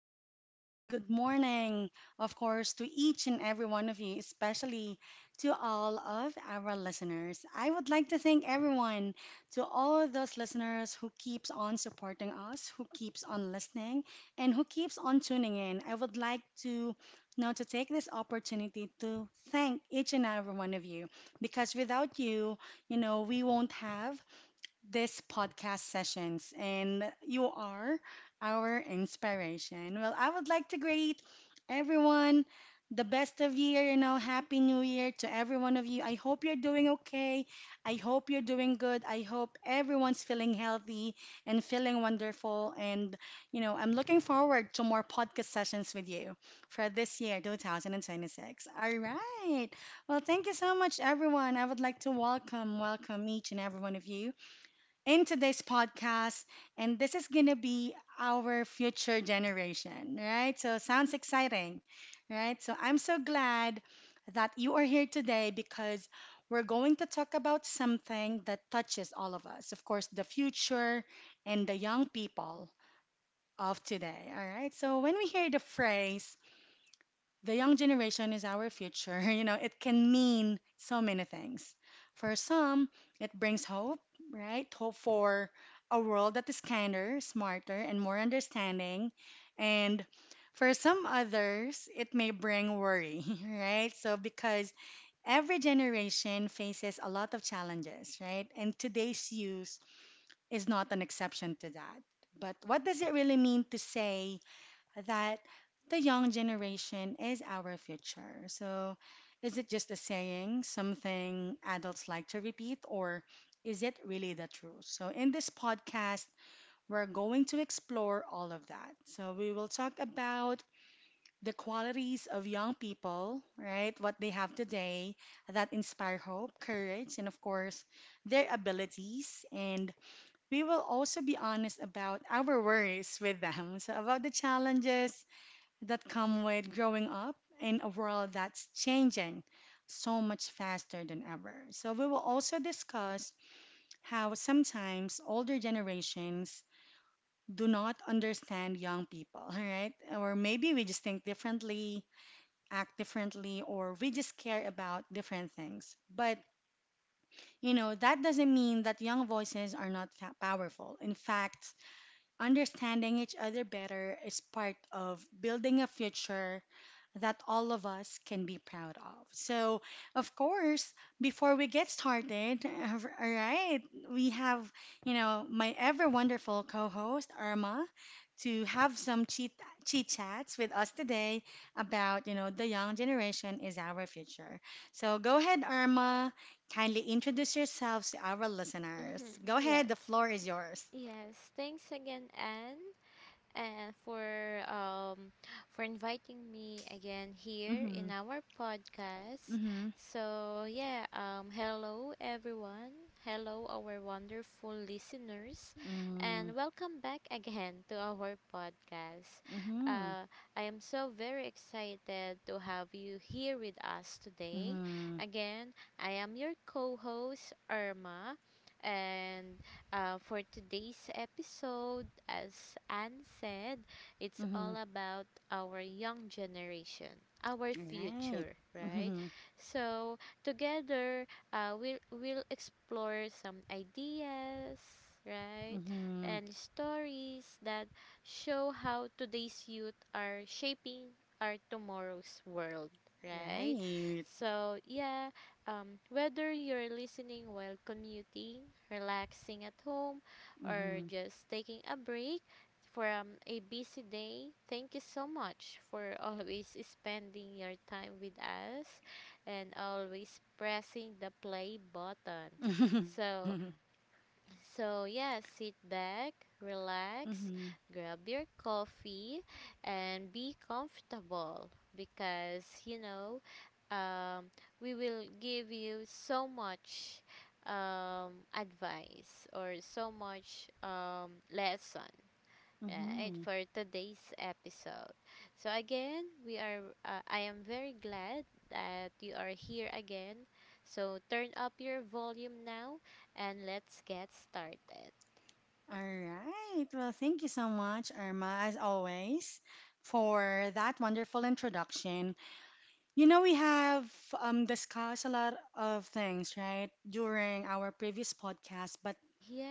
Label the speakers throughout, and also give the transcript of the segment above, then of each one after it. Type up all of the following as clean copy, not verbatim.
Speaker 1: everyone, and good morning, of course, to each and every one of you, especially to all of our listeners. I would like to thank everyone, to all those listeners who keeps on supporting us, who keeps on listening, and who keeps on tuning in. I would like to now to take this opportunity to thank each and every one of you because without you, we won't have this podcast sessions, and you are our inspiration. Well, I would like to greet everyone the best of year, happy new year to every one of you. I hope you're doing okay. I hope you're doing good. I hope everyone's feeling healthy and feeling wonderful. And, I'm looking forward to more podcast sessions with you for this year, 2026. All right. Well, thank you so much, everyone. I would like to welcome each and every one of you in today's podcast, and this is gonna be our future generation, right? So, sounds exciting, right? So, I'm so glad that you are here today because we're going to talk about something that touches all of us, of course, the future and the young people of today, all right? So, when we hear the phrase, the young generation is our future. It can mean so many things. For some, it brings hope, right? Hope for a world that is kinder, smarter, and more understanding. And for some others, it may bring worry, right? So, because every generation faces a lot of challenges, right? And today's youth is not an exception to that. But what does it really mean to say that the young generation is our future? So, is it just a saying, something adults like to repeat, or is it really the truth? So, in this podcast, we're going to explore all of that. So, we will talk about the qualities of young people, right? What they have today that inspire hope, courage, and of course, their abilities. And we will also be honest about our worries with them. So, about the challenges that come with growing up in a world that's changing so much faster than ever. So we will also discuss how sometimes older generations do not understand young people, all right? Or maybe we just think differently, act differently, or we just care about different things. But, that doesn't mean that young voices are not powerful. In fact, understanding each other better is part of building a future that all of us can be proud of. So, of course, before we get started, all right, we have, my ever wonderful co-host Irma to have some chit chats with us today about, the young generation is our future. So, go ahead, Irma, kindly introduce yourselves to our listeners.
Speaker 2: Mhm,
Speaker 1: Go ahead, the
Speaker 2: Yes.
Speaker 1: floor is yours.
Speaker 2: Yes. Thanks again, Anne, and for inviting me again here in
Speaker 1: Mhm.
Speaker 2: our podcast.
Speaker 1: Mhm.
Speaker 2: So, yeah, hello everyone. Hello our wonderful listeners
Speaker 1: Mm.
Speaker 2: and welcome back again to our podcast.
Speaker 1: Mhm.
Speaker 2: Uh I am so very excited to have you here with us today.
Speaker 1: Mhm.
Speaker 2: Again, I am your co-host Irma and for today's episode, as Anne said, it's
Speaker 1: Mhm.
Speaker 2: all about our young generation, our
Speaker 1: Right.
Speaker 2: future, right?
Speaker 1: Mm-hmm.
Speaker 2: So, together, we'll explore some ideas, right?
Speaker 1: Mm-hmm.
Speaker 2: And stories that show how today's youth are shaping our tomorrow's world, right?
Speaker 1: Right.
Speaker 2: So, yeah, whether you're listening while commuting, relaxing at home, or
Speaker 1: Mm-hmm.
Speaker 2: just taking a break from a busy day, thank you so much for always spending your time with us and always pressing the play button. So, so, yeah, sit back,
Speaker 1: Mm-hmm.
Speaker 2: relax, grab your coffee, and be comfortable because, um, we will give you so much advice or so much lesson. Right,
Speaker 1: Mm-hmm.
Speaker 2: for today's episode. So again, we are I am very glad that you are here again. So turn up your volume now and let's get started.
Speaker 1: All right. Well, thank you so much, Irma, as always, for that wonderful introduction. You know, we have discussed a lot of things, right, during our previous podcast, but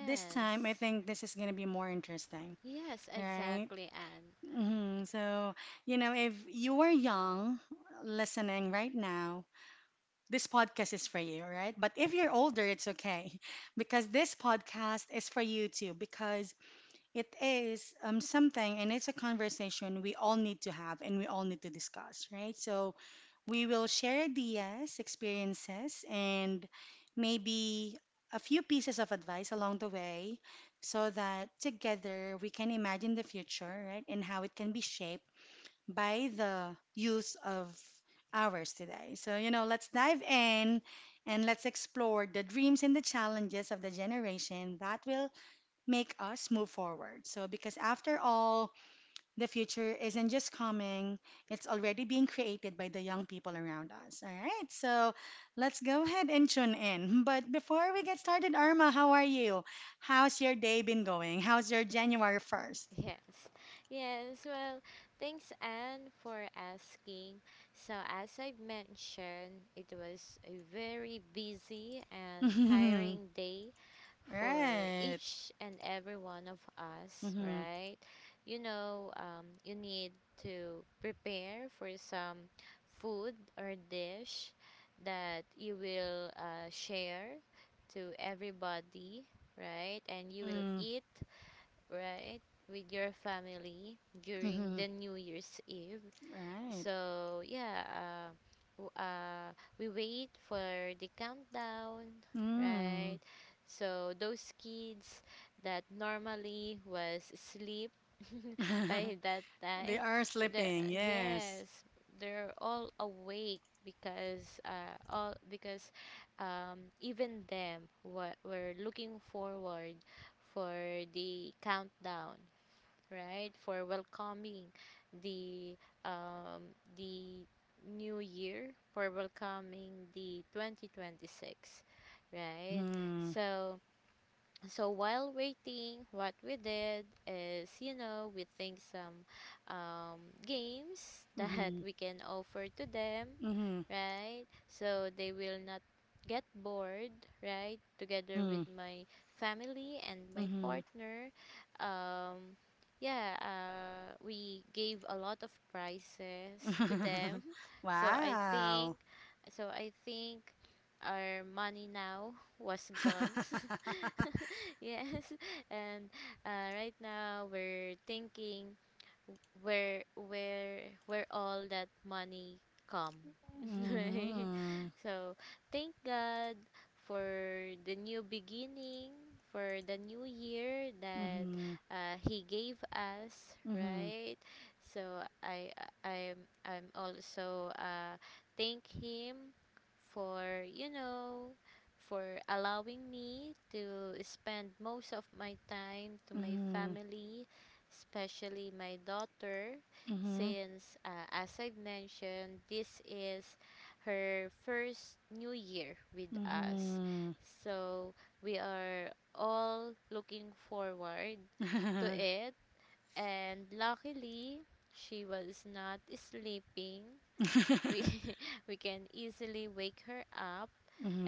Speaker 1: this time I think this is going to be more interesting,
Speaker 2: Yes,
Speaker 1: right?
Speaker 2: exactly, Anne.
Speaker 1: Mm-hmm. So, if you are young listening right now, this podcast is for you, right? But if you're older, it's okay because this podcast is for you too because it is something and it's a conversation we all need to have and we all need to discuss, right? So we will share ideas, experiences, and maybe a few pieces of advice along the way so that together we can imagine the future, right? And how it can be shaped by the use of hours today. So, let's dive in and let's explore the dreams and the challenges of the generation that will make us move forward. So, because after all, the future isn't just coming, it's already being created by the young people around us. All right, so let's go ahead and tune in. But before we get started, Irma, how are you? How's your day been going? How's your January 1st?
Speaker 2: Yes. Yes, well, thanks Anne for asking. So as I mentioned, it was a very busy and tiring day for
Speaker 1: Right.
Speaker 2: each and every one of us,
Speaker 1: Mm-hmm.
Speaker 2: right? You know, you need to prepare for some food or dish that you will share to everybody, right? And you will
Speaker 1: Mhm.
Speaker 2: eat, right, with your family during
Speaker 1: Mhm.
Speaker 2: the New Year's Eve.
Speaker 1: Right.
Speaker 2: So yeah, we wait for the countdown, right?
Speaker 1: Mm.
Speaker 2: So those kids that normally was asleep by that
Speaker 1: They
Speaker 2: time,
Speaker 1: are
Speaker 2: they are
Speaker 1: sleeping. Yes.
Speaker 2: yes, they're all awake because even them were looking forward for the countdown, right? For welcoming the the new year, for welcoming the 2026, right?
Speaker 1: Mhm.
Speaker 2: So so while waiting, what we did is, you know, we think some um, games that
Speaker 1: Mhm.
Speaker 2: we can offer to them,
Speaker 1: Mhm.
Speaker 2: right, so they will not get bored, right, together with
Speaker 1: Mhm.
Speaker 2: my family and my
Speaker 1: Mhm.
Speaker 2: partner. um, yeah, we gave a lot of prizes to them. so i
Speaker 1: Wow.
Speaker 2: think so I think our money now was gone. Yes. And right now we're thinking where all that money come. Right.
Speaker 1: Mhm.
Speaker 2: So thank god for the new beginning, for the new year that
Speaker 1: Mhm.
Speaker 2: he gave us, right? So I'm also, thank him for, you know, for allowing me to spend most of my time to my
Speaker 1: Mhm.
Speaker 2: family, especially my daughter,
Speaker 1: Mhm.
Speaker 2: since, as I mentioned, this is her first new year with us.
Speaker 1: Mhm.
Speaker 2: So we are all looking forward to
Speaker 1: Mhm.
Speaker 2: it, and luckily, she was not sleeping. We we can easily wake her up,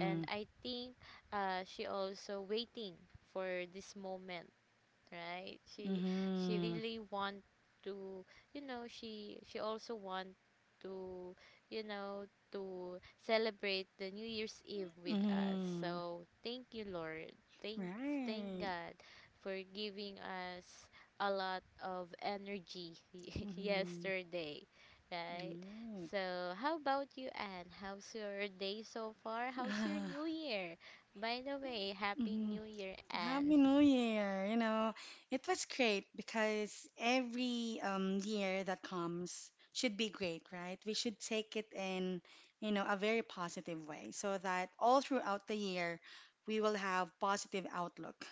Speaker 2: and I think she also waiting for this moment, right? She
Speaker 1: Mhm.
Speaker 2: really want to, you know, she also want to, you know, to celebrate the new year's eve with us.
Speaker 1: Mhm.
Speaker 2: So thank you lord, thanks, thank
Speaker 1: Right.
Speaker 2: god for giving us a lot of energy
Speaker 1: Mhm.
Speaker 2: yesterday, right?
Speaker 1: Right.
Speaker 2: So how about you, Anne? How's your day so far? How's your new year? By the way, happy
Speaker 1: Mhm.
Speaker 2: new year, Anne.
Speaker 1: Happy New Year! You know, it was great because every year that comes should be great, right? We should take it in, a very positive way so that all throughout the year we will have positive outlook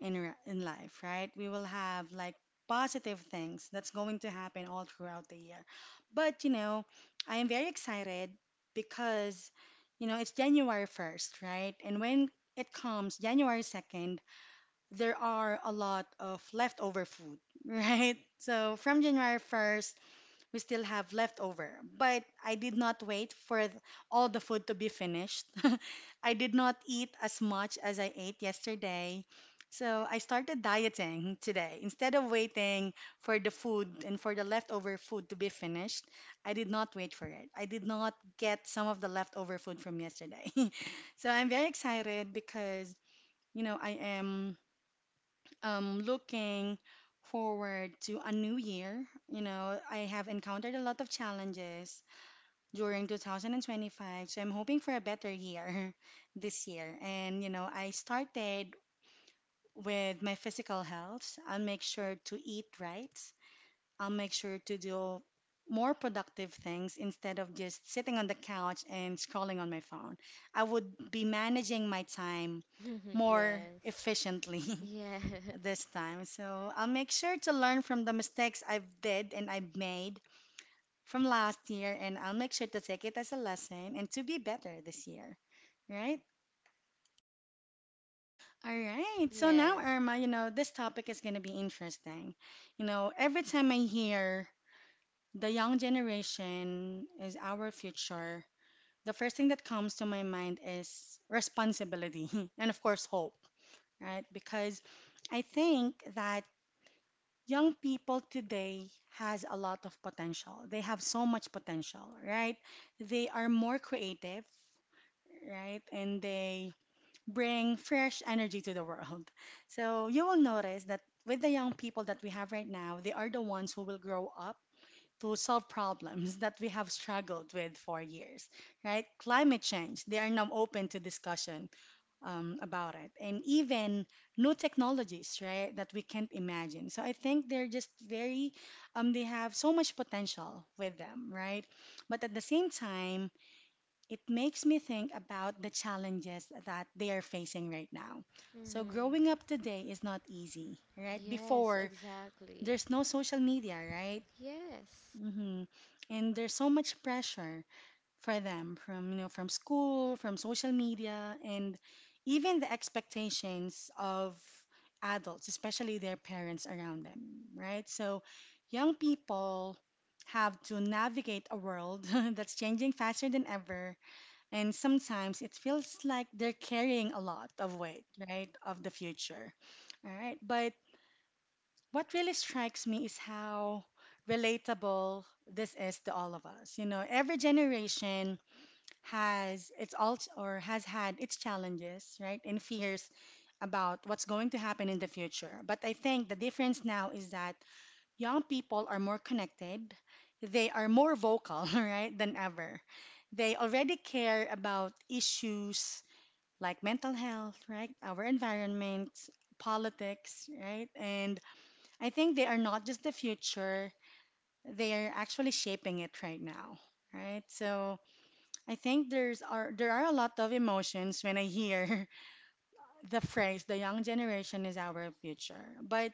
Speaker 1: in in life, right? We will have like positive things that's going to happen all throughout the year. But, I am very excited because, it's January 1st, right? And when it comes January 2nd, there are a lot of leftover food, right? So from January 1st, we still have leftover. But I did not wait for all the food to be finished. I did not eat as much as I ate yesterday. So I started dieting today. Instead of waiting for the food and for the leftover food to be finished, I did not wait for it. I did not get some of the leftover food from yesterday. So I'm very excited because, I am looking forward to a new year. You know, I have encountered a lot of challenges during 2025, so I'm hoping for a better year this year. And, I started with my physical health. I'll make sure to eat right, I'll make sure to do more productive things instead of just sitting on the couch and scrolling on my phone. I would be managing my time more
Speaker 2: Yes.
Speaker 1: efficiently.
Speaker 2: Yes.
Speaker 1: this time. So I'll make sure to learn from the mistakes I've did and I've made from last year, and I'll make sure to take it as a lesson and to be better this year. Right? All right. So now,
Speaker 2: Yes.
Speaker 1: Irma, you know, this topic is going to be interesting. You know, every time I hear the young generation is our future, the first thing that comes to my mind is responsibility and, of course, hope, right? Because I think that young people today has a lot of potential. They have so much potential, right? They are more creative, right? And they bring fresh energy to the world. So you will notice that with the young people that we have right now, they are the ones who will grow up to solve problems that we have struggled with for years, right? Climate change, they are now open to discussion about it and even new technologies, right, that we can't imagine. So I think they're just very they have so much potential with them, right? But at the same time, it makes me think about the challenges that they are facing right now. So
Speaker 2: Mhm.
Speaker 1: growing up today is not easy, right?
Speaker 2: Yes,
Speaker 1: Before,
Speaker 2: exactly.
Speaker 1: there's no social media, right?
Speaker 2: Yes.
Speaker 1: Hmm. And there's so much pressure for them from, from school, from social media, and even the expectations of adults, especially their parents around them, right? So young people have to navigate a world that's changing faster than ever, and sometimes it feels like they're carrying a lot of weight, right, of the future. All right, but what really strikes me is how relatable this is to all of us. You know, every generation has it's all or has had its challenges, right? And fears about what's going to happen in the future. But I think the difference now is that young people are more connected, they are more vocal, right, than ever. They already care about issues like mental health, right? Our environment, politics, right? And I think they are not just the future, they are actually shaping it right now, right? So I think there are a lot of emotions when I hear the phrase the young generation is our future. But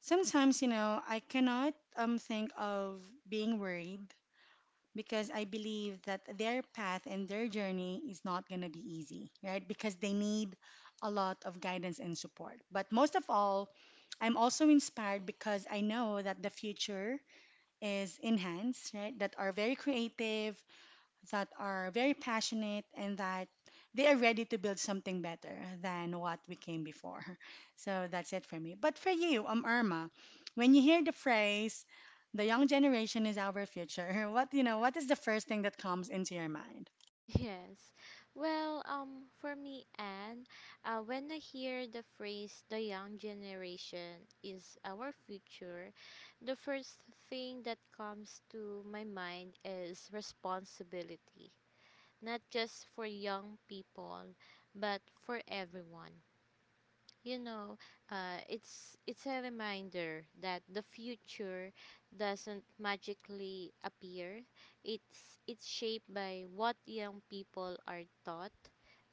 Speaker 1: sometimes, I cannot think of being worried because I believe that their path and their journey is not going to be easy, right? Because they need a lot of guidance and support. But most of all, I'm also inspired because I know that the future is enhanced, right? That are very creative, that are very passionate and that they are ready to build something better than what we came before. So that's it for me. But for you, Irma, when you hear the phrase "the young generation is our future," what, what is the first thing that comes into your mind?
Speaker 2: Yes. Well, for me, Anne, when I hear the phrase "the young generation is our future," the first thing that comes to my mind is responsibility. Not just for young people, but for everyone. You know, it's a reminder that the future doesn't magically appear. It's shaped by what young people are taught,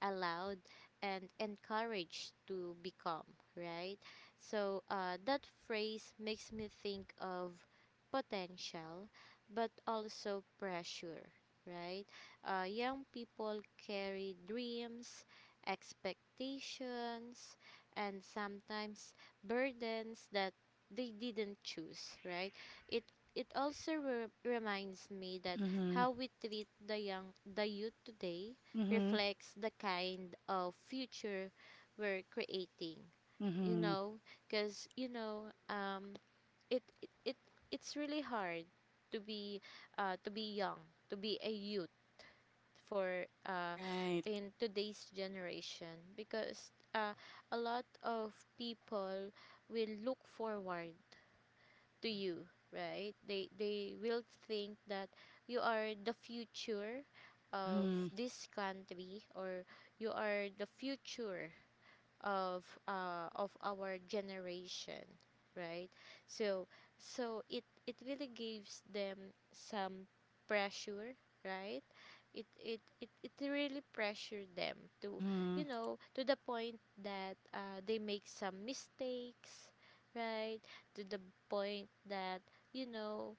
Speaker 2: allowed, and encouraged to become. Right. So that phrase makes me think of potential, but also pressure. Right. Young people carry dreams, expectations, and sometimes burdens that they didn't choose, right? It it reminds me that
Speaker 1: Mhm.
Speaker 2: how we treat the youth today
Speaker 1: Mhm.
Speaker 2: reflects the kind of future we're creating. You
Speaker 1: Mhm.
Speaker 2: know, because, you know, it, it it it's really hard to be to be young, to be a youth for
Speaker 1: Right.
Speaker 2: in today's generation, because a lot of people will look forward to you, right? They will think that you are the future of
Speaker 1: Mhm.
Speaker 2: this country, or you are the future of our generation, right? So so it really gives them some pressure, right? It really pressure them to, you
Speaker 1: Mhm.
Speaker 2: know, to the point that they make some mistakes, right? To the point that, you know,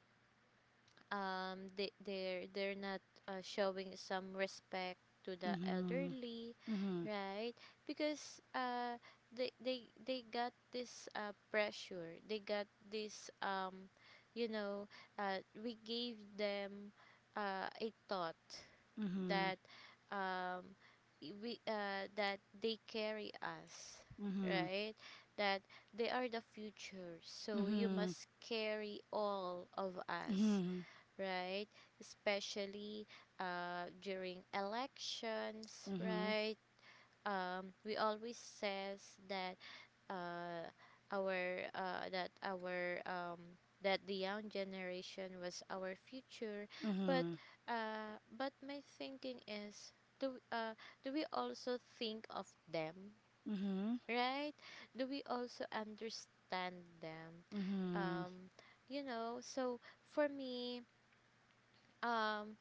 Speaker 2: they're not showing some respect to the
Speaker 1: Mhm.
Speaker 2: elderly,
Speaker 1: Mhm.
Speaker 2: right? Because they got this pressure, they got this, you know we gave them a thought
Speaker 1: Mhm.
Speaker 2: that, um I- we that they carry us, right? That they are the future,
Speaker 1: Mhm.
Speaker 2: so you
Speaker 1: Mhm.
Speaker 2: must carry all of us,
Speaker 1: Mhm.
Speaker 2: right? Especially during elections, right? We always says that, uh, our that our that the young generation was our future, but
Speaker 1: Mhm.
Speaker 2: but my thinking is, do uh, do we also think of them,
Speaker 1: Mhm. Mhm.
Speaker 2: right? Do we also understand them?
Speaker 1: Mhm.
Speaker 2: Um, you know, so for me, um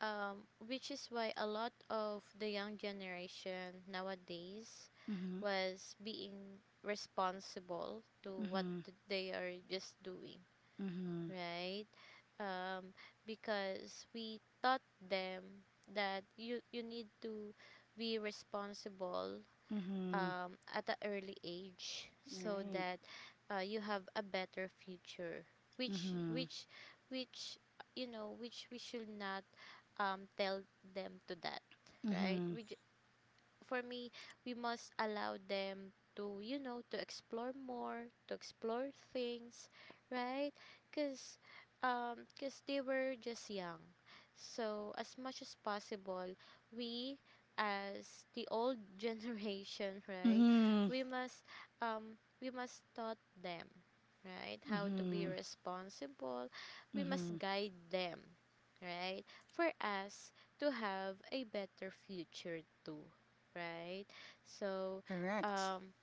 Speaker 2: which is why a lot of the young generation nowadays
Speaker 1: Mhm.
Speaker 2: was being responsible to what
Speaker 1: Mhm.
Speaker 2: they are just doing,
Speaker 1: Mhm.
Speaker 2: right? um, because we taught them that you need to be responsible
Speaker 1: Mhm.
Speaker 2: at an early age so
Speaker 1: Right.
Speaker 2: that you have a better future, which
Speaker 1: Mhm.
Speaker 2: which which you know, which we should not tell them to that, right?
Speaker 1: Mhm.
Speaker 2: For me, we must allow them to, you know, to explore more, to explore things, right? Cause, cause they were just young, so as much as possible, we, as the old generation, right?
Speaker 1: Mhm.
Speaker 2: We must we must taught them, right? How to be
Speaker 1: Mhm.
Speaker 2: responsible. We must
Speaker 1: Mhm.
Speaker 2: guide them, right? For us to have a better future too, right? So,
Speaker 1: Correct.
Speaker 2: um,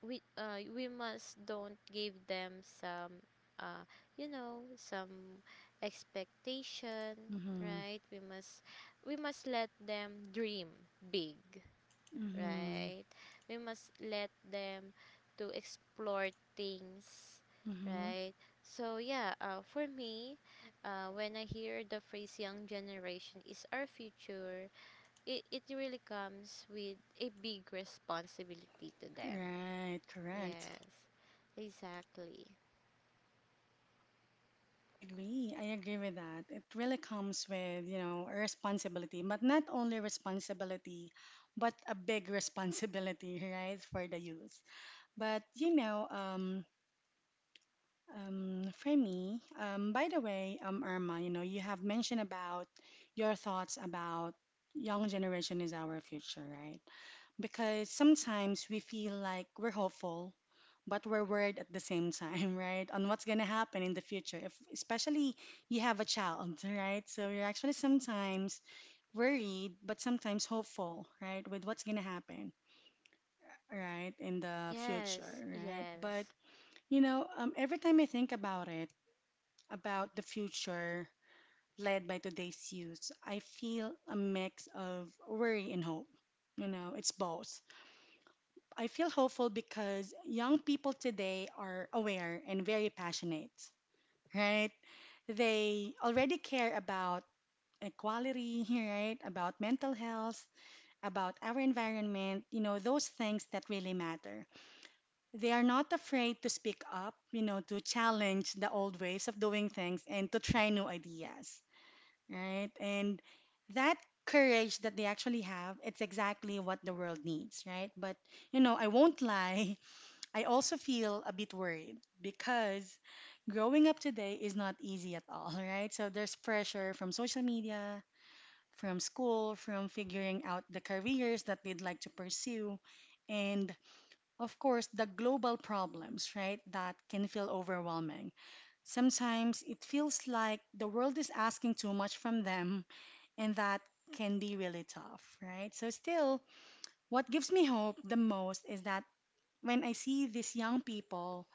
Speaker 2: we must don't give them some, uh, you know, some expectation,
Speaker 1: Mhm.
Speaker 2: right? We must let them dream big,
Speaker 1: Mhm.
Speaker 2: right? We must let them to explore things,
Speaker 1: Mhm.
Speaker 2: right? So yeah, for me, when I hear the phrase "young generation is our future," it really comes with a big responsibility to them.
Speaker 1: Right. Correct.
Speaker 2: Yes, exactly.
Speaker 1: I agree. I agree with that. It really comes with, a responsibility, but not only responsibility, but a big responsibility, right, for the youth. But you know, um, for me, by the way, Irma, you know, you have mentioned about your thoughts about young generation is our future, right? Because sometimes we feel like we're hopeful, but we're worried at the same time, right? On what's gonna happen in the future, if especially you have a child, right? So you're actually sometimes worried, but sometimes hopeful, right? With what's gonna happen, right, in the future,
Speaker 2: Yes,
Speaker 1: right? But
Speaker 2: yes,
Speaker 1: every time I think about it about the future led by today's youth, I feel a mix of worry and hope. You know, it's both. I feel hopeful because young people today are aware and very passionate, right? They already care about equality, right? About mental health, about our environment, you know, those things that really matter. They are not afraid to speak up, you know, to challenge the old ways of doing things and to try new ideas. Right? And that courage that they actually have, it's exactly what the world needs, right? But, you know, I won't lie, I also feel a bit worried because growing up today is not easy at all, right? So there's pressure from social media, from school, from figuring out the careers that they'd like to pursue. And of course, the global problems, right, that can feel overwhelming. Sometimes it feels like the world is asking too much from them and that can be really tough, right? So, still, what gives me hope the most is that when I see these young people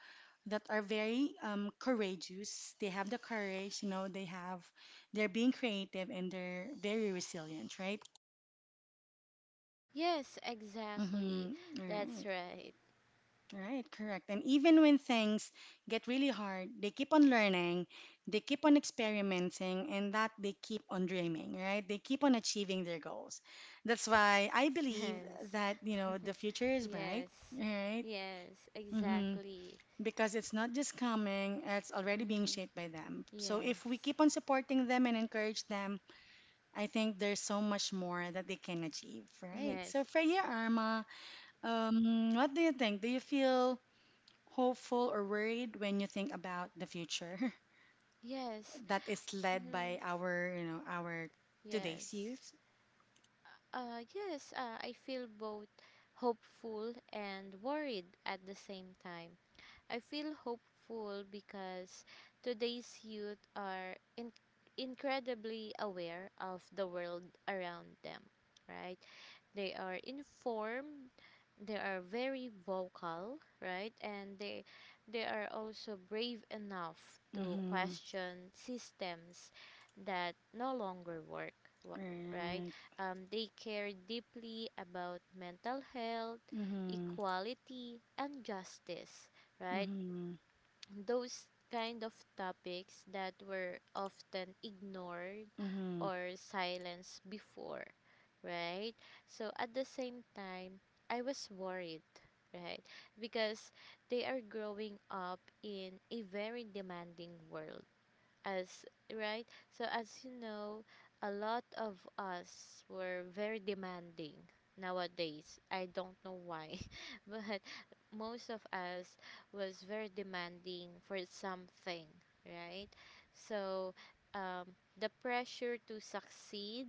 Speaker 1: that are very courageous, they have the courage, you know, they have, they're being creative and they're very resilient, right?
Speaker 2: yes, exactly.
Speaker 1: Mm-hmm.
Speaker 2: That's
Speaker 1: Right.
Speaker 2: right.
Speaker 1: Right, correct. And even when things get really hard, they keep on learning, they keep on experimenting, and that they keep on dreaming, right? They keep on achieving their goals. That's why I believe
Speaker 2: Yes.
Speaker 1: that, you know, the future is bright,
Speaker 2: Yes,
Speaker 1: right?
Speaker 2: yes,
Speaker 1: Hmm.
Speaker 2: exactly.
Speaker 1: Because it's not just coming, it's already being
Speaker 2: Mm-hmm.
Speaker 1: shaped by them. So if we
Speaker 2: Yes.
Speaker 1: keep on supporting them and encourage them, I think there's so much more that they can achieve, right? So
Speaker 2: Yes.
Speaker 1: for you, Arma, what do you think? Do you feel hopeful or worried when you think about the future
Speaker 2: Yes.
Speaker 1: that is led by
Speaker 2: Mm-hmm.
Speaker 1: our, our today's
Speaker 2: Yes.
Speaker 1: youth.
Speaker 2: Yes, I feel both hopeful and worried at the same time. I feel hopeful because today's youth are incredibly aware of the world around them, right? They are informed, they are very vocal, right? And they are also brave enough to
Speaker 1: Mm-hmm.
Speaker 2: question systems that no longer work, wa- right?
Speaker 1: Right.
Speaker 2: They care deeply about mental health,
Speaker 1: Mm-hmm.
Speaker 2: equality, and justice, right?
Speaker 1: Mm-hmm.
Speaker 2: Those kind of topics that were often ignored
Speaker 1: Mm-hmm.
Speaker 2: or silenced before, right? So at the same time, I was worried, right? Because they are growing up in a very demanding world, as right so as you know, a lot of us were very demanding nowadays, I don't know why, but most of us was very demanding for something, right? So, um, the pressure to succeed,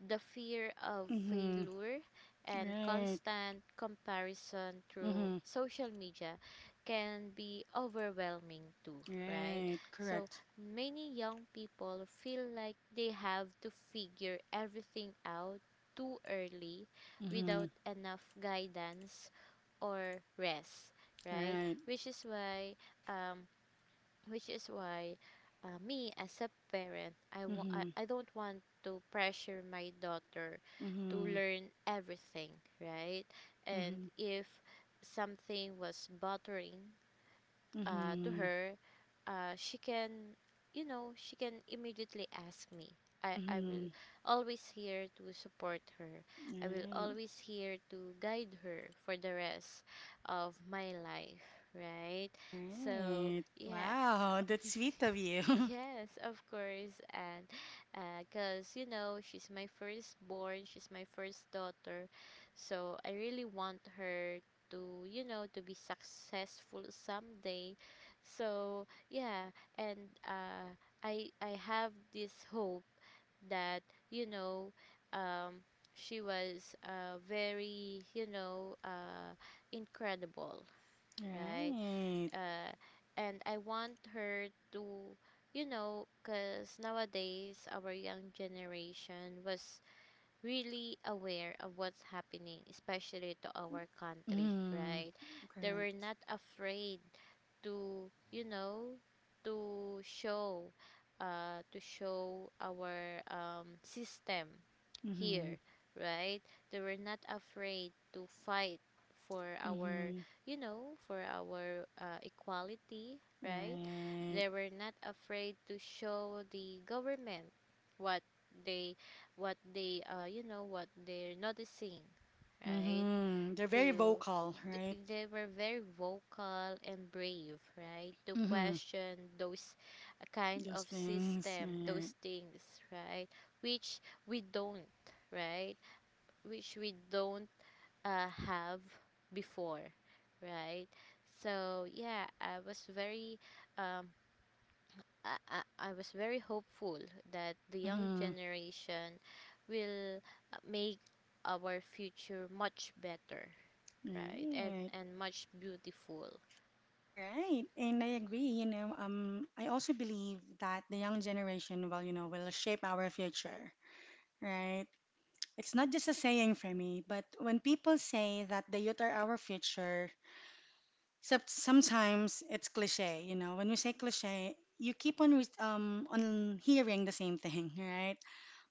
Speaker 2: the fear of
Speaker 1: Mm-hmm.
Speaker 2: failure, and
Speaker 1: Right.
Speaker 2: constant comparison through
Speaker 1: Mm-hmm.
Speaker 2: social media can be overwhelming too, right?
Speaker 1: Right.
Speaker 2: So
Speaker 1: Correct.
Speaker 2: many young people feel like they have to figure everything out too early
Speaker 1: Mm-hmm.
Speaker 2: without enough guidance or rest, right?
Speaker 1: Right.
Speaker 2: Which is why um which is why me as a parent, I, wa-
Speaker 1: Mm-hmm.
Speaker 2: I don't want to pressure my daughter to
Speaker 1: Mm-hmm.
Speaker 2: learn everything, right? And
Speaker 1: Mm-hmm.
Speaker 2: if something was bothering to
Speaker 1: Mm-hmm.
Speaker 2: her, she can, you know, she can immediately ask me. I
Speaker 1: Mm-hmm.
Speaker 2: will always here to support her, I will
Speaker 1: Right.
Speaker 2: always here to guide her for the rest of my life, right? So
Speaker 1: Right.
Speaker 2: yeah.
Speaker 1: Wow, that's sweet of you.
Speaker 2: Yes, of course. And because, you know, she's my firstborn, she's my first daughter. So I really want her to, you know, to be successful someday. So, yeah. And I have this hope that, you know, um, she was very, you know, incredible, right?
Speaker 1: Right.
Speaker 2: uh, and I want her to, you know, because nowadays our young generation was really aware of what's happening, especially to our country,
Speaker 1: Mm.
Speaker 2: right? They were
Speaker 1: Correct.
Speaker 2: not afraid to, you know, to show, to show our system
Speaker 1: Mm-hmm.
Speaker 2: here, right? They were not afraid to fight for our,
Speaker 1: Mm-hmm.
Speaker 2: you know, for our equality, right?
Speaker 1: Right.
Speaker 2: They were not afraid to show the government what they, what they, you know, what they're noticing, right?
Speaker 1: Mm-hmm. They're very
Speaker 2: to
Speaker 1: vocal, right?
Speaker 2: they were very vocal and brave, right, to
Speaker 1: Mm-hmm.
Speaker 2: question those kind
Speaker 1: Those
Speaker 2: of
Speaker 1: things.
Speaker 2: system,
Speaker 1: Right.
Speaker 2: those things, right? which we don't right which we don't have before, right? So yeah, I was very, um I was very hopeful that the young
Speaker 1: Mm-hmm.
Speaker 2: generation will make our future much better, right, and
Speaker 1: Right.
Speaker 2: much beautiful.
Speaker 1: Right. And I agree, you know, I also believe that the young generation will, you know, will shape our future, right? It's not just a saying for me, but when people say that the youth are our future, sometimes it's cliche, you know. When you say cliche, you keep on on hearing the same thing, right?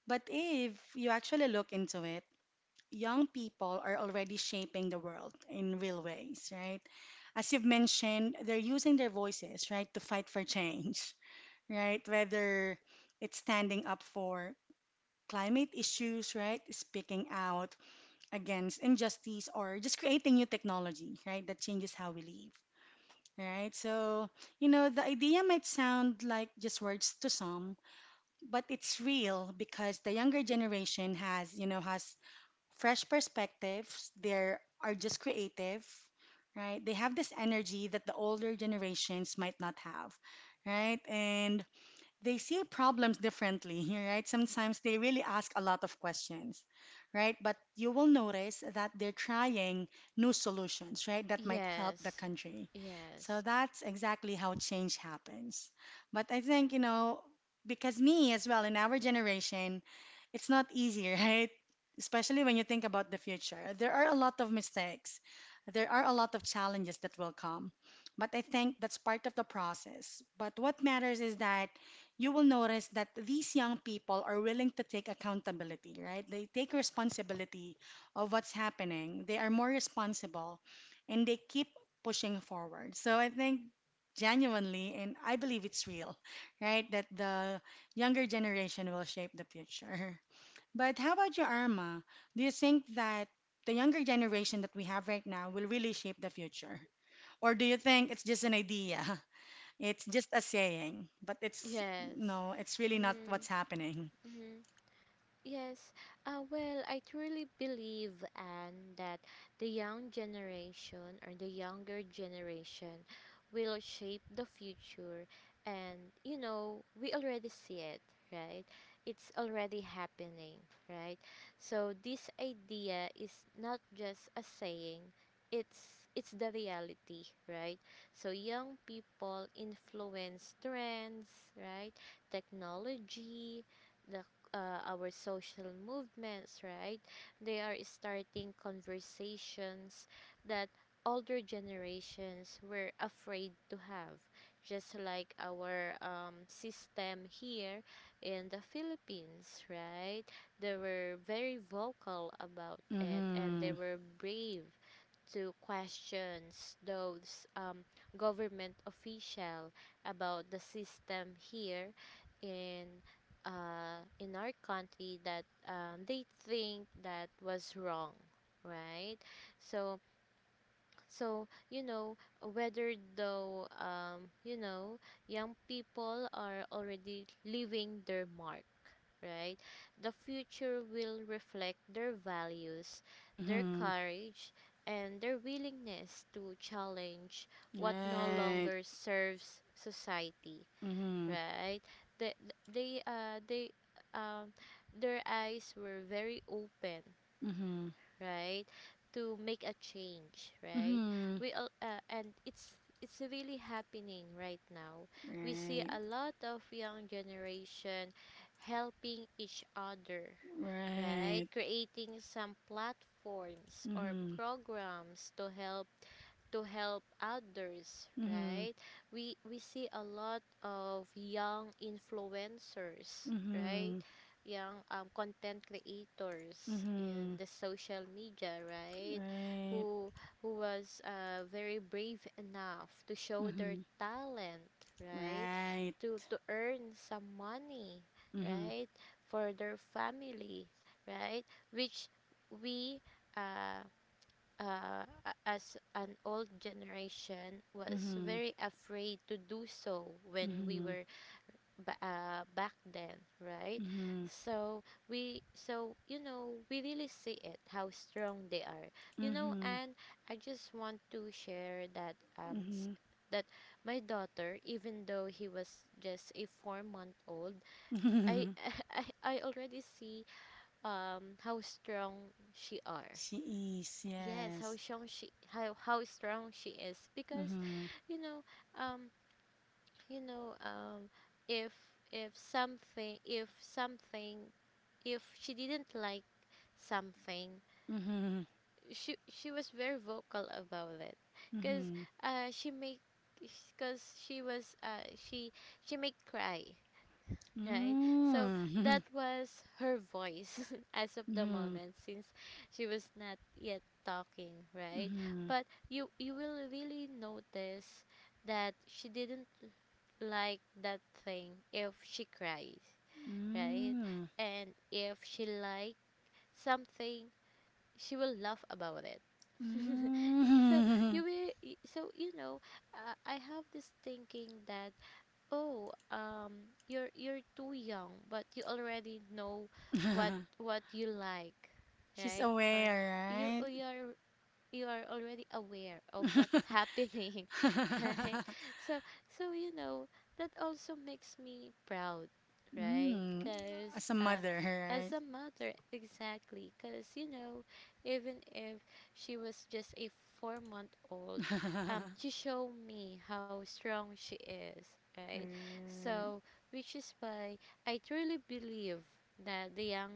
Speaker 1: But if you actually look into it, young people are already shaping the world in real ways, right? As you've mentioned, they're using their voices, right, to fight for change, right? Whether it's standing up for climate issues, right? Speaking out against injustice or just creating new technology, right, that changes how we live. Right, so the idea might sound like just words to some, but it's real because the younger generation has, you know, has fresh perspectives. They are just creative, right? They have this energy that the older generations might not have, right? And they see problems differently here, right? Sometimes they really ask a lot of questions, right? But you will notice that they're trying new solutions, right? That might help the
Speaker 2: yes
Speaker 1: country. So
Speaker 2: yes
Speaker 1: that's exactly how change happens. But I think, you know, because me as well, in our generation, it's not easy, right? Especially when you think about the future. There are a lot of mistakes, there are a lot of challenges that will come. But I think that's part of the process. But what matters is that you will notice that these young people are willing to take accountability, right? They take responsibility of what's happening. They are more responsible and they keep pushing forward. So I think genuinely, and I believe it's real, right? That the younger generation will shape the future. But how about you, Arma? Do you think that the younger generation that we have right now will really shape the future? Or do you think it's just an idea? It's just a saying, but it's
Speaker 2: yes
Speaker 1: no, it's really not what's
Speaker 2: mm-hmm.
Speaker 1: happening.
Speaker 2: mm-hmm. Yes, well, I truly believe, and that the young generation or the younger generation will shape the future. And we already see it, right? It's already happening, right? So this idea is not just a saying, it's the reality, right? So young people influence trends, right? Technology, the our social movements, right? They are starting conversations that older generations were afraid to have, just like our system here in the Philippines, right? They were very vocal about it and they
Speaker 1: Mm-hmm.
Speaker 2: were brave to questions those government official about the system here in in our country that they think that was wrong, right? So so whether though young people are already leaving their mark, right? The future will reflect their values, their
Speaker 1: Mm-hmm.
Speaker 2: courage, and their willingness to challenge what no
Speaker 1: Right.
Speaker 2: longer serves society,
Speaker 1: Mm-hmm.
Speaker 2: right? They, they, uh, they, um, their eyes were very open,
Speaker 1: Mm-hmm.
Speaker 2: right, to make a change, right.
Speaker 1: Mm-hmm.
Speaker 2: We all uh, and it's really happening right now. We see
Speaker 1: Right.
Speaker 2: a lot of young generation helping each other, right,
Speaker 1: Right.
Speaker 2: creating some platforms or
Speaker 1: Mm-hmm.
Speaker 2: programs to help others,
Speaker 1: Mm-hmm.
Speaker 2: right? We see a lot of young influencers, right?
Speaker 1: Mm-hmm.
Speaker 2: Young content creators in
Speaker 1: Mm-hmm.
Speaker 2: the social media, right?
Speaker 1: Right.
Speaker 2: Who who was very brave enough to show their
Speaker 1: Mm-hmm.
Speaker 2: talent, right?
Speaker 1: Right.
Speaker 2: To earn some money,
Speaker 1: Mm-hmm.
Speaker 2: right? For their family, right? Which we uh, as an old generation was
Speaker 1: Mm-hmm.
Speaker 2: very afraid to do so when we were back then, right.
Speaker 1: Mm-hmm.
Speaker 2: So we so you know we really see it, how strong they are
Speaker 1: Mm-hmm.
Speaker 2: and I just want to share that s-
Speaker 1: Mm-hmm.
Speaker 2: that my daughter, even though he was just a 4-month old. I
Speaker 1: Mm-hmm.
Speaker 2: I already see how strong she are.
Speaker 1: She is,
Speaker 2: Yes, how
Speaker 1: yes.
Speaker 2: strong she, how strong she is because
Speaker 1: Mm-hmm.
Speaker 2: you know um you know um if if something, if she didn't like something,
Speaker 1: Mm-hmm.
Speaker 2: she was very vocal about it because
Speaker 1: Mm-hmm.
Speaker 2: she make, because she was she make cry. Right. So
Speaker 1: Mm.
Speaker 2: that was her voice as of the
Speaker 1: Mhm.
Speaker 2: moment since she was not yet talking, right?
Speaker 1: Mhm.
Speaker 2: But you will really notice that she didn't like that thing if she cried, right?
Speaker 1: Mm.
Speaker 2: And if she liked something, she will laugh about it. So
Speaker 1: Mm.
Speaker 2: you will I have this thinking that, oh, you're too young, but you already know what what you like,
Speaker 1: She's
Speaker 2: right? Or you
Speaker 1: aware,
Speaker 2: you are you are already aware of what's
Speaker 1: right?
Speaker 2: happening. Right? So, so, that also makes me proud, right?
Speaker 1: Mm.
Speaker 2: Because
Speaker 1: As a
Speaker 2: uh,
Speaker 1: mother,
Speaker 2: as
Speaker 1: right?
Speaker 2: a mother, exactly. Because even if she was just a 4-month old, she showed me how strong she is, right? So, which is why I truly believe that the young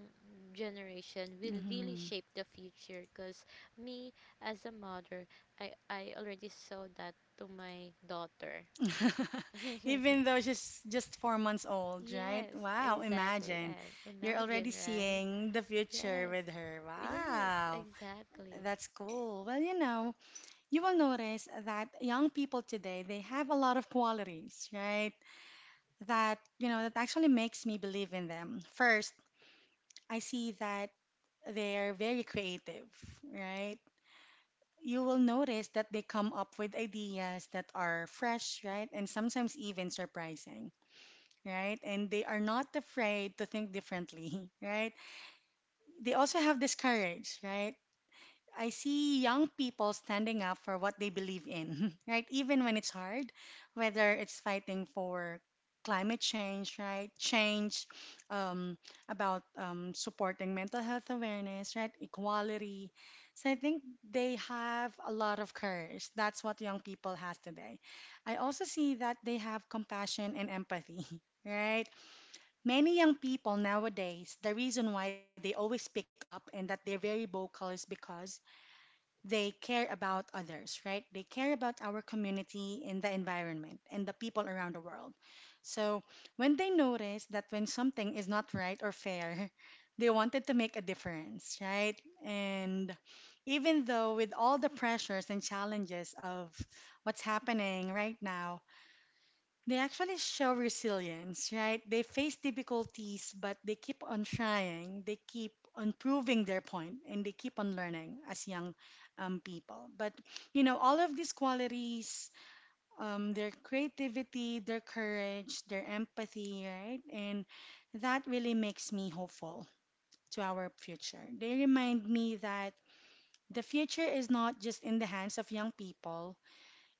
Speaker 2: generation will really
Speaker 1: Mhm.
Speaker 2: shape the future because me as a mother, I already saw that to my daughter.
Speaker 1: Even though she's just 4 months old, right?
Speaker 2: Yes,
Speaker 1: Wow,
Speaker 2: exactly.
Speaker 1: imagine.
Speaker 2: And
Speaker 1: You're already
Speaker 2: imagine, right?
Speaker 1: seeing the future
Speaker 2: Yes,
Speaker 1: with her.
Speaker 2: yes,
Speaker 1: Wow,
Speaker 2: exactly.
Speaker 1: that's cool. Well, you know, you will notice that young people today they have a lot of qualities, right? That, you know, that actually makes me believe in them. First, I see that they're very creative, right? You will notice that they come up with ideas that are fresh, right? And sometimes even surprising, right? And they are not afraid to think differently, right? They also have this courage, right? I see young people standing up for what they believe in, right? Even when it's hard, whether it's fighting for climate change, right? Change um, about supporting mental health awareness, right? Equality. So I think they have a lot of courage. That's what young people has today. I also see that they have compassion and empathy, right? Many young people nowadays, the reason why they always pick up and that they're very vocal is because they care about others, right? They care about our community and the environment and the people around the world. So when they notice that when something is not right or fair, they wanted to make a difference, right? And even though with all the pressures and challenges of what's happening right now, they actually show resilience, right? They face difficulties, but they keep on trying. They keep on proving their point, and they keep on learning as young people. But you know, all of these qualities, their creativity, their courage, their empathy, right? And that really makes me hopeful to our future. They remind me that the future is not just in the hands of young people,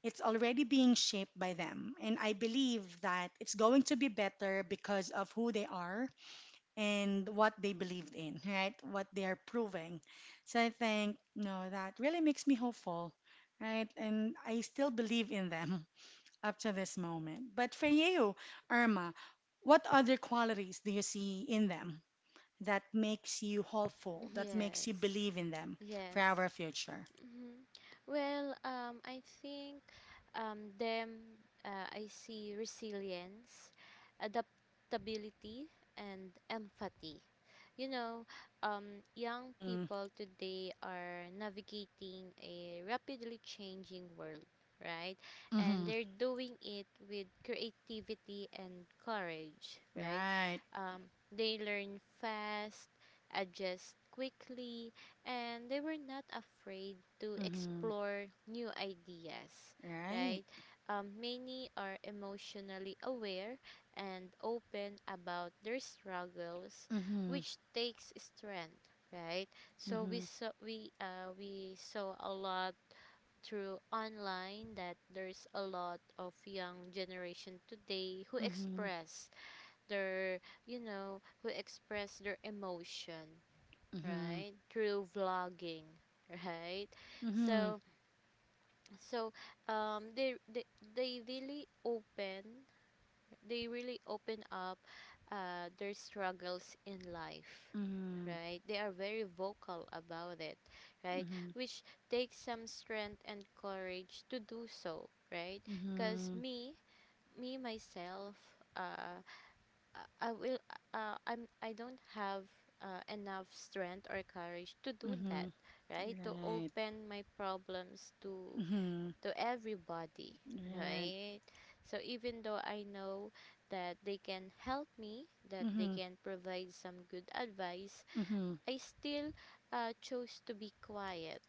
Speaker 1: it's already being shaped by them. And I believe that it's going to be better because of who they are and what they believed in, right? What they are proving. So I think, no, that really makes me hopeful, right? And I still believe in them up to this moment. But for you, Irma, what other qualities do you see in them that makes you hopeful, that makes you
Speaker 2: Yes,
Speaker 1: believe in them for
Speaker 2: yes.
Speaker 1: our future?
Speaker 2: Hmm. Well, I think I see resilience, adaptability, and empathy. you know, Young
Speaker 1: Mm-hmm.
Speaker 2: people today are navigating a rapidly changing world, right? And
Speaker 1: Mm-hmm.
Speaker 2: they're doing it with creativity and courage, right?
Speaker 1: Right.
Speaker 2: Um, they learn fast, adjust quickly, and they were not afraid to
Speaker 1: Mm-hmm.
Speaker 2: explore new ideas,
Speaker 1: Right.
Speaker 2: right? Many are emotionally aware and open about their struggles,
Speaker 1: Mhm.
Speaker 2: which takes strength, right? So we
Speaker 1: Mhm.
Speaker 2: saw we uh, we saw a lot through online that there's a lot of young generation today who
Speaker 1: Mhm.
Speaker 2: express their you know who express their emotion,
Speaker 1: Mhm.
Speaker 2: right, through vlogging. Right.
Speaker 1: Mhm.
Speaker 2: So so um they they, they really open up their struggles in life,
Speaker 1: Mhm.
Speaker 2: right. They are very vocal about it, right,
Speaker 1: Mhm.
Speaker 2: which takes some strength and courage to do so, right. Because
Speaker 1: Mhm.
Speaker 2: me myself, uh i I will I don't have enough strength or courage to do that,
Speaker 1: Mhm.
Speaker 2: right, to
Speaker 1: Right.
Speaker 2: open my problems to
Speaker 1: Mhm.
Speaker 2: everybody,
Speaker 1: Right.
Speaker 2: right? So even though I know that they can help me, that they
Speaker 1: Mhm.
Speaker 2: can provide some good advice,
Speaker 1: Mhm.
Speaker 2: I still chose to be quiet,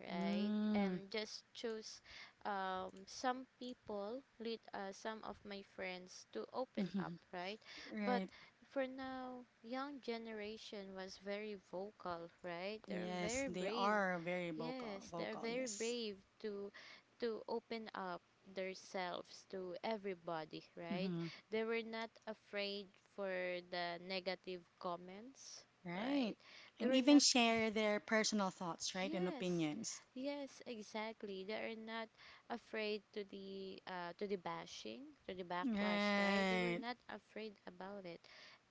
Speaker 2: right?
Speaker 1: Mm.
Speaker 2: And just chose some people, lead some of my friends to open up,
Speaker 1: Mhm.
Speaker 2: right? But
Speaker 1: Right.
Speaker 2: for now, young generation was very vocal, right? They're
Speaker 1: Yes,
Speaker 2: very
Speaker 1: they
Speaker 2: brave.
Speaker 1: are very vocal.
Speaker 2: Yes, they're
Speaker 1: Vocal.
Speaker 2: very
Speaker 1: Yes.
Speaker 2: brave to open up themselves to everybody, right?
Speaker 1: Mhm.
Speaker 2: They were not afraid for the negative comments,
Speaker 1: Right.
Speaker 2: right? They
Speaker 1: And
Speaker 2: were
Speaker 1: even
Speaker 2: not.
Speaker 1: share their personal thoughts, right, and
Speaker 2: Yes,
Speaker 1: opinions.
Speaker 2: yes, exactly. They are not afraid to the bashing, to the backlash, right? They were
Speaker 1: Right.
Speaker 2: not afraid about it,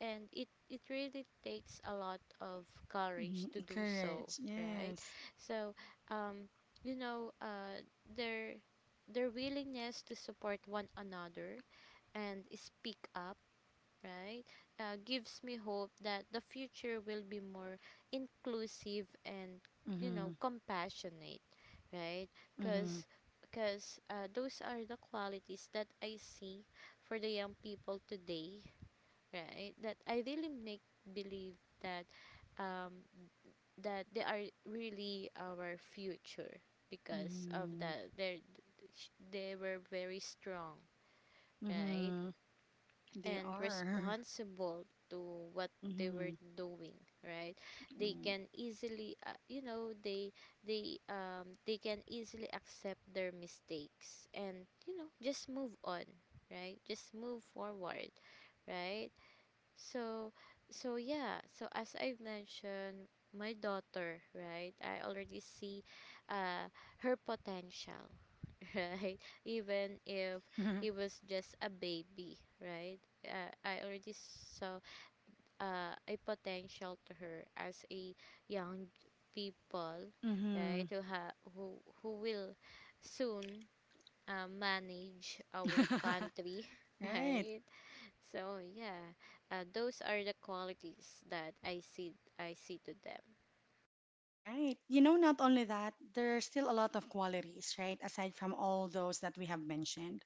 Speaker 2: and it really takes a lot of courage
Speaker 1: Mhm.
Speaker 2: to do so,
Speaker 1: Courage.
Speaker 2: right?
Speaker 1: Yes.
Speaker 2: So, um, you know, uh, their their willingness to support one another and speak up, right, gives me hope that the future will be more inclusive and,
Speaker 1: Mhm.
Speaker 2: compassionate, right?
Speaker 1: Mhm.
Speaker 2: Because because those are the qualities that I see for the young people today, right? That I really make believe that um, they are really our future because of
Speaker 1: Mhm.
Speaker 2: that they were very strong, right,
Speaker 1: Mhm. They
Speaker 2: and
Speaker 1: are.
Speaker 2: responsible to what they were
Speaker 1: Mm-hmm.
Speaker 2: doing, right. They can easily they can easily accept their mistakes and just move on, right, just move forward, right. So so yeah, as I have mentioned, my daughter, right, I already see uh her potential. Right? Even if
Speaker 1: Mm.
Speaker 2: he was just a baby, right? I already saw a potential to her as a young people, right?
Speaker 1: Mm-hmm.
Speaker 2: Who ha who will soon manage our country,
Speaker 1: Right,
Speaker 2: right? So yeah, those are the qualities that I see, to them.
Speaker 1: right. You know, not only that, there are still a lot of qualities, right? Aside from all those that we have mentioned,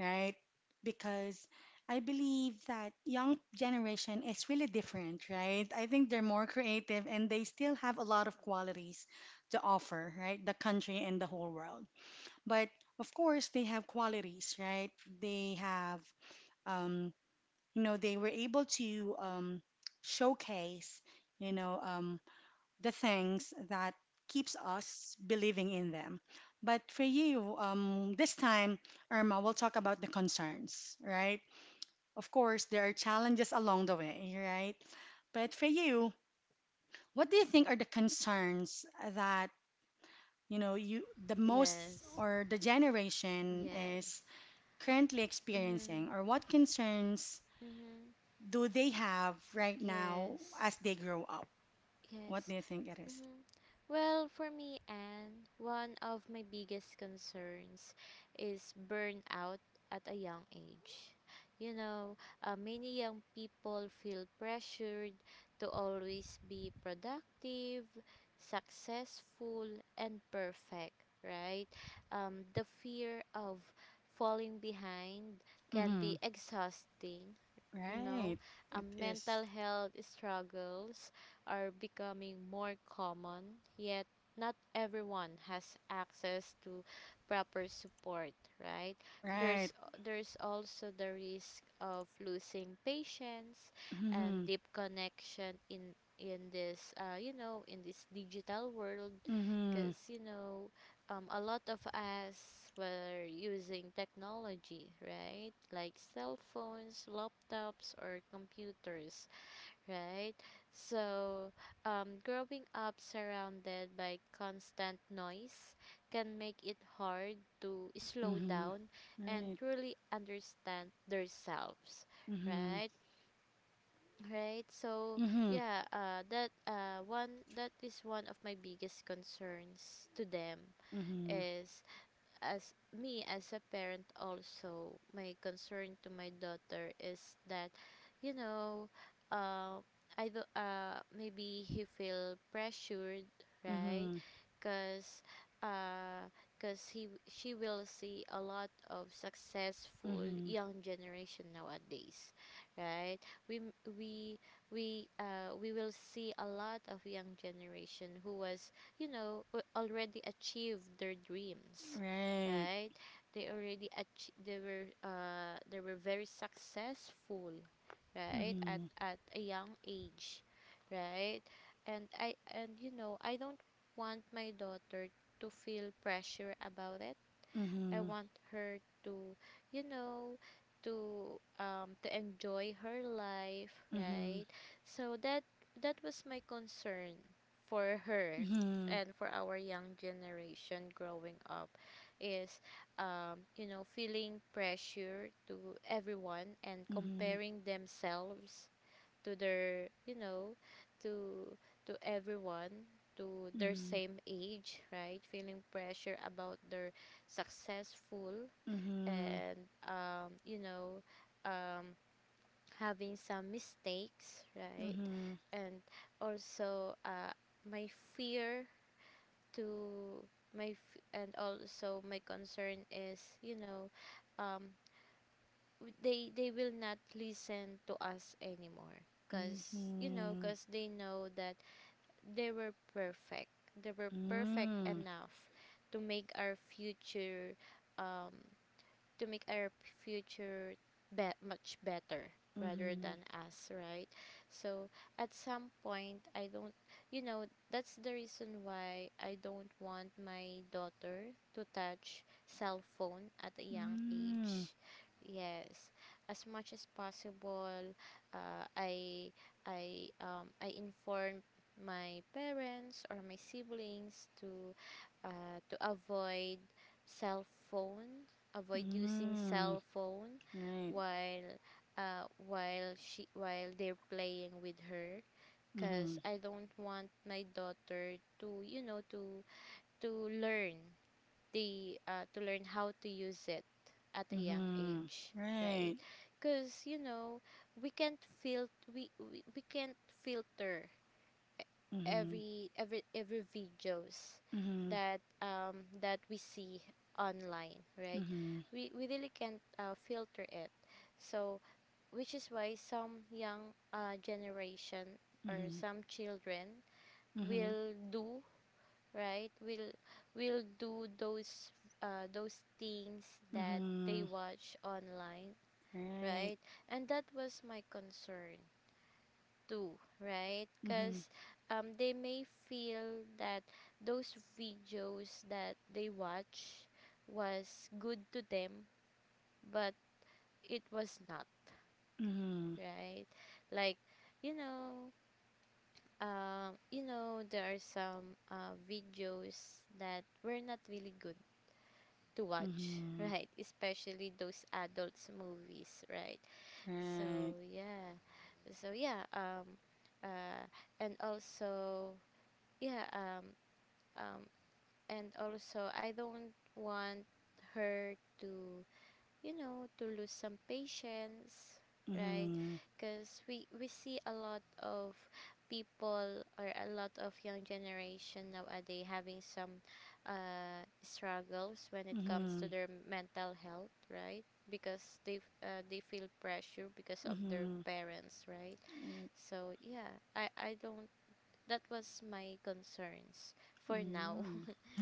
Speaker 1: right? Because I believe that young generation is really different, right? I think they're more creative and they still have a lot of qualities to offer, right? The country and the whole world. But of course, they have qualities, right? They have um, you know they were able to showcase you know the things that keeps us believing in them. But for you, this time, Irma, we'll talk about the concerns, right? Of course, there are challenges along the way, right? But for you, what do you think are the concerns that, you know, you the most,
Speaker 2: Yes,
Speaker 1: or the generation
Speaker 2: yes.
Speaker 1: is currently
Speaker 2: Mhm.
Speaker 1: experiencing, or what concerns
Speaker 2: Mhm.
Speaker 1: do they have right now
Speaker 2: Yes.
Speaker 1: as they grow up? What do
Speaker 2: Yes.
Speaker 1: you think it is?
Speaker 2: Mhm. Well, for me, Anne, one of my biggest concerns is burnout at a young age. You know, Many young people feel pressured to always be productive, successful, and perfect, right? The fear of falling behind can
Speaker 1: Mm-hmm.
Speaker 2: be exhausting. you know,
Speaker 1: Right. It is.
Speaker 2: Mental health struggles are becoming more common, yet not everyone has access to proper support, right?
Speaker 1: Right.
Speaker 2: There's there's also the risk of losing patience
Speaker 1: Mm-hmm.
Speaker 2: and deep connection in this digital world
Speaker 1: Mm-hmm.
Speaker 2: because a lot of us were using technology, right? Like cell phones, laptops, or computers, right? So, growing up surrounded by constant noise can make it hard to slow
Speaker 1: Mm-hmm.
Speaker 2: down and
Speaker 1: Right.
Speaker 2: truly understand themselves,
Speaker 1: Mm-hmm.
Speaker 2: right? Right. So,
Speaker 1: Mm-hmm.
Speaker 2: yeah, that is one of my biggest concerns to them,
Speaker 1: Mm-hmm.
Speaker 2: is as me as a parent. Also my concern to my daughter is that you know uh, I do maybe he feel pressured, right,
Speaker 1: Mm-hmm.
Speaker 2: because uh, she will see a lot of successful
Speaker 1: Mm-hmm.
Speaker 2: young generation nowadays, right. We m- we we uh we will see a lot of young generation who was already achieved their dreams,
Speaker 1: Right.
Speaker 2: right? They already ach- they were very successful, right? At
Speaker 1: Mm-hmm.
Speaker 2: at a young age, right? And I don't want my daughter to feel pressure about it. I
Speaker 1: Mm-hmm.
Speaker 2: want her to, you know, enjoy her life,
Speaker 1: Mm-hmm.
Speaker 2: right? So that was my concern for her,
Speaker 1: Mm-hmm.
Speaker 2: and for our young generation growing up, is feeling pressure to everyone and
Speaker 1: Mm-hmm.
Speaker 2: comparing themselves to their you know to to everyone, to their same age, right, feeling pressure about their successful,
Speaker 1: Mm-hmm. Mm-hmm.
Speaker 2: and um, you know um, having some mistakes, right,
Speaker 1: Mm-hmm. Mm-hmm.
Speaker 2: and also my fear to my f- and also my concern is, um, they will not listen to us anymore, because they know that they were perfect, they were perfect enough to make our future, um to make our future much better rather
Speaker 1: Mm-hmm.
Speaker 2: than us, right. So at some point, I don't you know that's the reason why I don't want my daughter to touch cell phone at a young age. Yes. As much as possible, uh, i I inform my parents or my siblings to uh, to avoid cell phone avoid using
Speaker 1: Mm-hmm. Mm-hmm.
Speaker 2: cell phone
Speaker 1: Right.
Speaker 2: while while she while they're playing with her,
Speaker 1: Mm-hmm.
Speaker 2: because I don't want my daughter to you know to learn the to learn how to use it at a young
Speaker 1: Mm-hmm.
Speaker 2: age, right,
Speaker 1: Right.
Speaker 2: because we can't fil- we can't filter
Speaker 1: Mm-hmm.
Speaker 2: every videos
Speaker 1: Mm-hmm.
Speaker 2: that we see online, right.
Speaker 1: Mm-hmm.
Speaker 2: We really can't filter it. So which is why some young generation or
Speaker 1: Mm-hmm.
Speaker 2: some children
Speaker 1: Mm-hmm.
Speaker 2: will do, right, will do those things that
Speaker 1: Mm-hmm.
Speaker 2: they watch online,
Speaker 1: Right.
Speaker 2: right. And that was my concern do, right?
Speaker 1: Mm-hmm.
Speaker 2: Because they may feel that those videos that they watch was good to them, but it was not,
Speaker 1: Mm-hmm.
Speaker 2: right? Like, you know, there are some videos that were not really good to watch,
Speaker 1: Mm-hmm.
Speaker 2: right? Especially those adults movies, right? So
Speaker 1: Right.
Speaker 2: yeah, so yeah, uh, and also yeah, um and also I don't want her to to lose some patience, right?
Speaker 1: Mm-hmm.
Speaker 2: Because we see a lot of people or a lot of young generation nowadays having some struggles when it
Speaker 1: Mm-hmm.
Speaker 2: comes to
Speaker 1: Mm-hmm.
Speaker 2: their mental health, right? Because they feel pressure because of their
Speaker 1: Mm-hmm.
Speaker 2: parents, right? So yeah, I don't— that was my concerns for now.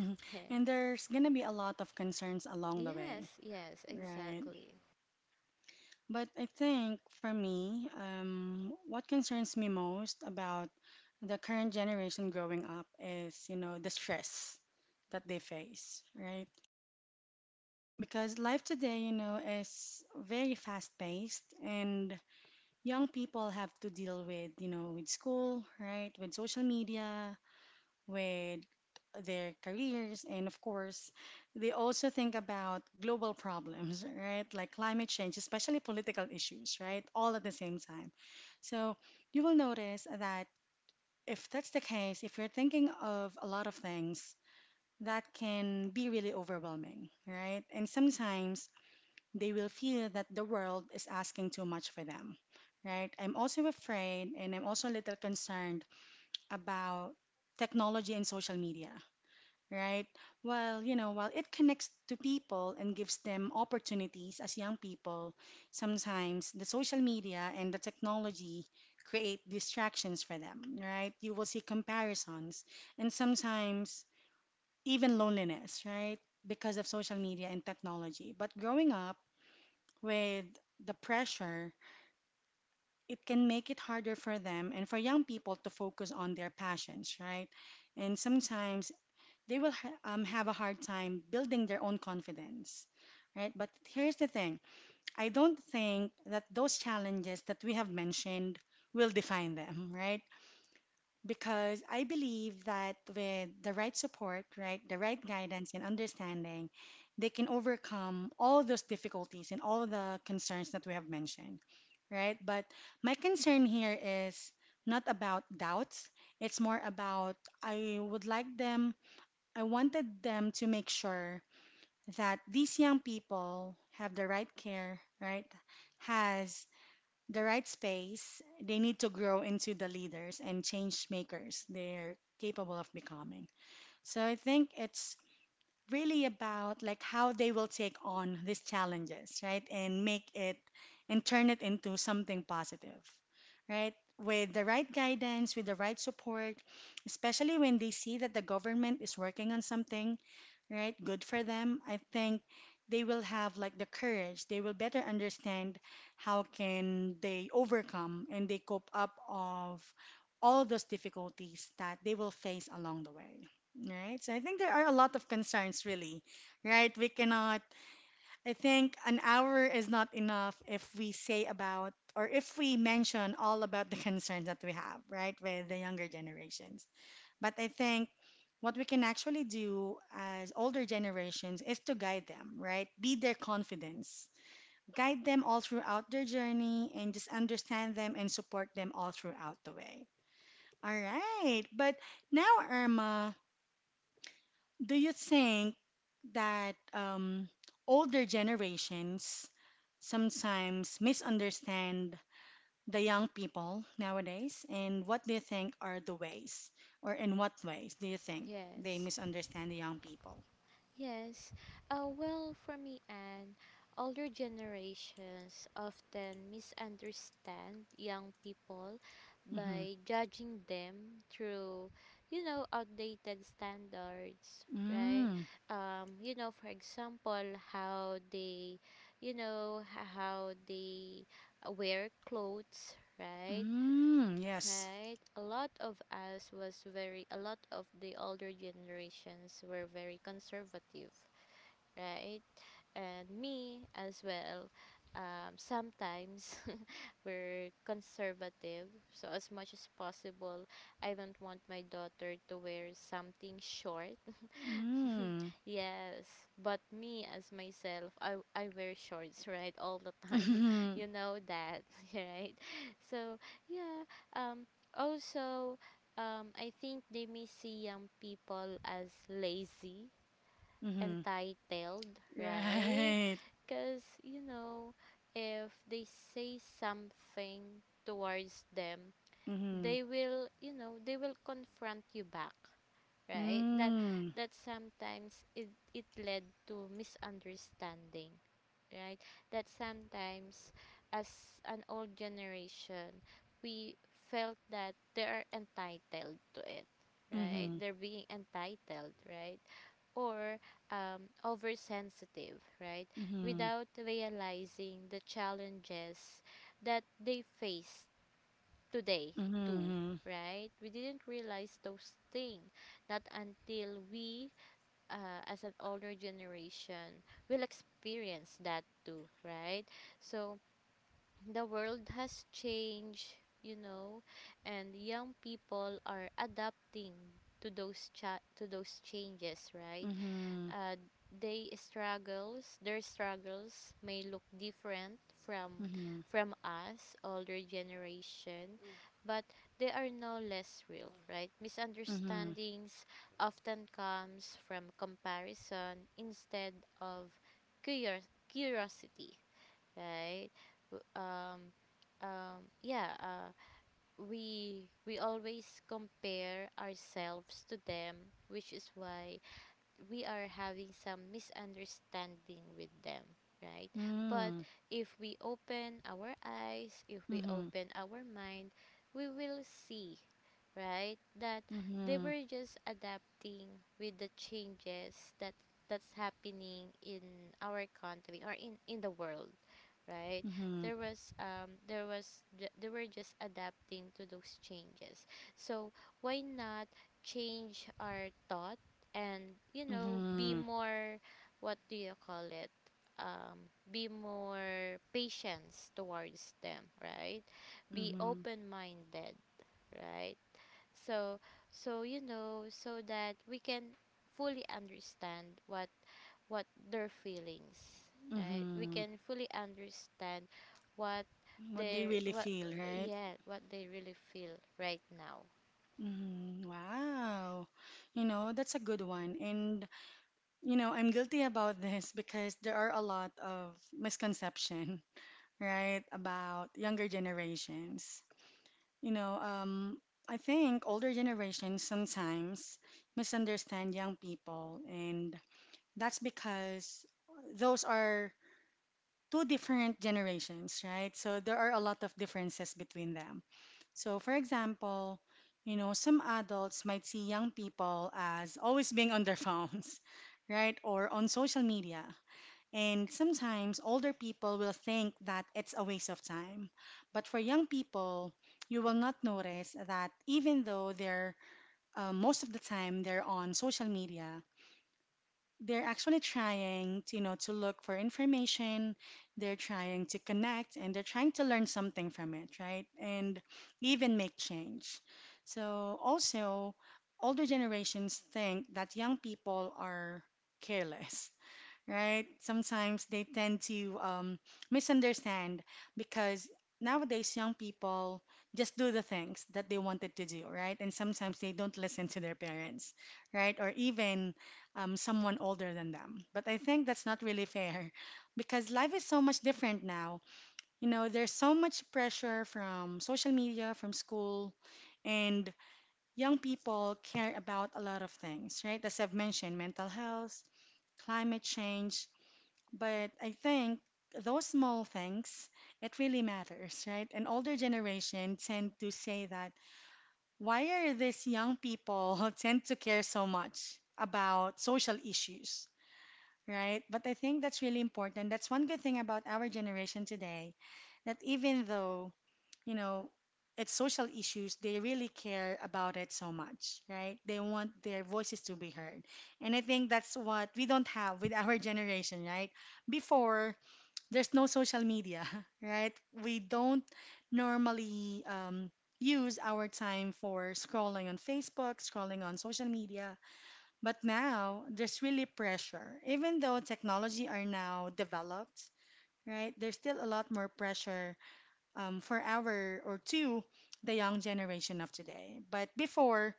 Speaker 2: Yeah.
Speaker 1: And there's gonna be a lot of concerns along the way,
Speaker 2: Yes, yes,
Speaker 1: right?
Speaker 2: exactly.
Speaker 1: But I think for me, what concerns me most about the current generation growing up is, you know, the stress that they face, right? Because life today, you know, is very fast-paced, and young people have to deal with, you know, with school, right? With social media, with their careers, and of course, they also think about global problems, right? Like climate change, especially political issues, right? All at the same time. So you will notice that if that's the case, if you're thinking of a lot of things, that can be really overwhelming, right? And sometimes they will feel that the world is asking too much for them, right? I'm also afraid and I'm also a little concerned about technology and social media, right? Well, you know, while it connects to people and gives them opportunities as young people, sometimes the social media and the technology create distractions for them, right? You will see comparisons and sometimes even loneliness, right? Because of social media and technology. But growing up, with the pressure, it can make it harder for them and for young people to focus on their passions, right? And sometimes they will have a hard time building their own confidence, right? But here's the thing, I don't think that those challenges that we have mentioned will define them, right? Because I believe that with the right support, right, the right guidance and understanding, they can overcome all those difficulties and all the concerns that we have mentioned, right? But my concern here is not about doubts. It's more about, I would like them, I wanted them to make sure that these young people have the right care, right? Has the right space. They need to grow into the leaders and change makers they're capable of becoming. So I think it's really about like how they will take on these challenges, right? And make it and turn it into something positive, right? With the right guidance, with the right support, especially when they see that the government is working on something, right? Good for them. I think they will have like the courage. They will better understand how can they overcome and they cope up of all those difficulties that they will face along the way. Right. So I think there are a lot of concerns really. Right? We cannot, I think an hour is not enough if we say about or if we mention all about the concerns that we have, right, with the younger generations. But I think what we can actually do as older generations is to guide them, right? Be their confidence. Guide them all throughout their journey and just understand them and support them all throughout the way. All right. But now, Irma, do you think that older generations sometimes misunderstand the young people nowadays, and what do you think are the ways, or in what ways do you think they
Speaker 2: Yes,
Speaker 1: misunderstand the young people?
Speaker 2: yes. Well, for me, and older generations often misunderstand young people
Speaker 1: Mm-hmm.
Speaker 2: by judging them through, you know, outdated standards, right?
Speaker 1: Mm,
Speaker 2: You know, for example, how they, you know, how they wear clothes, right?
Speaker 1: mm, yes.
Speaker 2: Right, a lot of us was very— a lot of the older generations were very conservative, right? And me as well, sometimes we're conservative, so as much as possible I don't want my daughter to wear something short.
Speaker 1: Mm,
Speaker 2: Yes, but me as myself, I wear shorts, right, all the time.
Speaker 1: mm-hmm,
Speaker 2: You know that, right? So, yeah, um also I think they may see young people as lazy,
Speaker 1: mm-hmm,
Speaker 2: entitled, right?
Speaker 1: right.
Speaker 2: Cuz you know, if they say something towards them,
Speaker 1: Mm-hmm,
Speaker 2: they will, you know, they will confront you back, right? That
Speaker 1: mm,
Speaker 2: that sometimes it led to misunderstanding, right? That sometimes as an old generation, we felt that they are entitled to it, right?
Speaker 1: mm-hmm,
Speaker 2: They're being entitled, right? Or oversensitive, right? Without realizing the challenges that they face today too,
Speaker 1: mm-hmm,
Speaker 2: right? We didn't realize those things, not until we, as an older generation, will experience that too, right? So the world has changed, you know, and young people are adapting to to those changes, right?
Speaker 1: mm-hmm,
Speaker 2: uh, they struggles— their struggles may look different from
Speaker 1: mm-hmm,
Speaker 2: from us older generation. Mm. But they are no less real. Right,
Speaker 1: mm-hmm, mm-hmm,
Speaker 2: misunderstandings often comes from comparison instead of curiosity, right? W- um yeah, we always compare ourselves to them, which is why we are having some misunderstanding with them, right? But
Speaker 1: mm,
Speaker 2: if we open our eyes, if we
Speaker 1: mm-hmm,
Speaker 2: open our mind, we will see, right? That they
Speaker 1: mm-hmm,
Speaker 2: were just adapting with the changes that that's happening in our country or in the world, right?
Speaker 1: mm-hmm,
Speaker 2: There was there was they were just adapting to those changes. So why not change our thought and, you know, be
Speaker 1: mm-hmm,
Speaker 2: more— what do you call it, be more patience towards them, right? Be
Speaker 1: mm-hmm.
Speaker 2: open minded, right? So, so, you know, so that we can fully understand what their feelings, right? We
Speaker 1: Hmm.
Speaker 2: can fully understand what
Speaker 1: What they
Speaker 2: they—
Speaker 1: really
Speaker 2: what,
Speaker 1: feel, right?
Speaker 2: yeah, what they really feel right now.
Speaker 1: Mhm. Wow. You know, that's a good one. And, you know, I'm guilty about this because there are a lot of misconception, right, about younger generations. You know, I think older generations sometimes misunderstand young people, and that's because those are two different generations, right? So there are a lot of differences between them. So, for example, you know, some adults might see young people as always being on their phones, right, or on social media. And sometimes older people will think that it's a waste of time. But for young people, you will not notice that even though they're most of the time they're on social media, they're actually trying to, you know, to look for information, they're trying to connect, and they're trying to learn something from it, right? And even make change. So also, older generations think that young people are careless, right? Sometimes they tend to misunderstand because nowadays young people just do the things that they wanted to do, right? And sometimes they don't listen to their parents, right? Or even someone older than them. But I think that's not really fair because life is so much different now. You know, there's so much pressure from social media, from school. And young people care about a lot of things, right? As I've mentioned, mental health, climate change, but I think those small things, it really matters, right? An older generation tend to say that why are these young people tend to care so much about social issues, right? But I think that's really important. That's one good thing about our generation today, that even though, you know, it's social issues, they really care about it so much, right? They want their voices to be heard. And I think that's what we don't have with our generation, right? Before, there's no social media, right? We don't normally use our time for scrolling on Facebook, scrolling on social media. But now there's really pressure. Even though technology are now developed, right? There's still a lot more pressure for our or to the young generation of today. But before,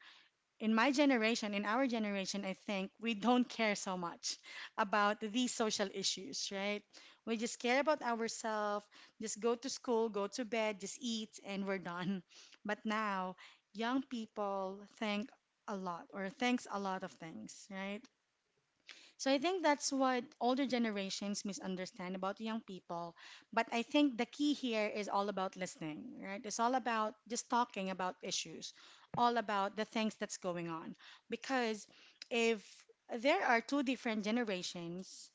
Speaker 1: in my generation, in our generation, I think we don't care so much about these social issues, right? We just care about ourselves, just go to school, go to bed, just eat, and we're done. But now, young people think a lot or thinks a lot of things, right? So I think that's what older generations misunderstand about young people. But I think the key here is all about listening, right? It's all about just talking about issues, all about the things that's going on. Because if there are two different generations,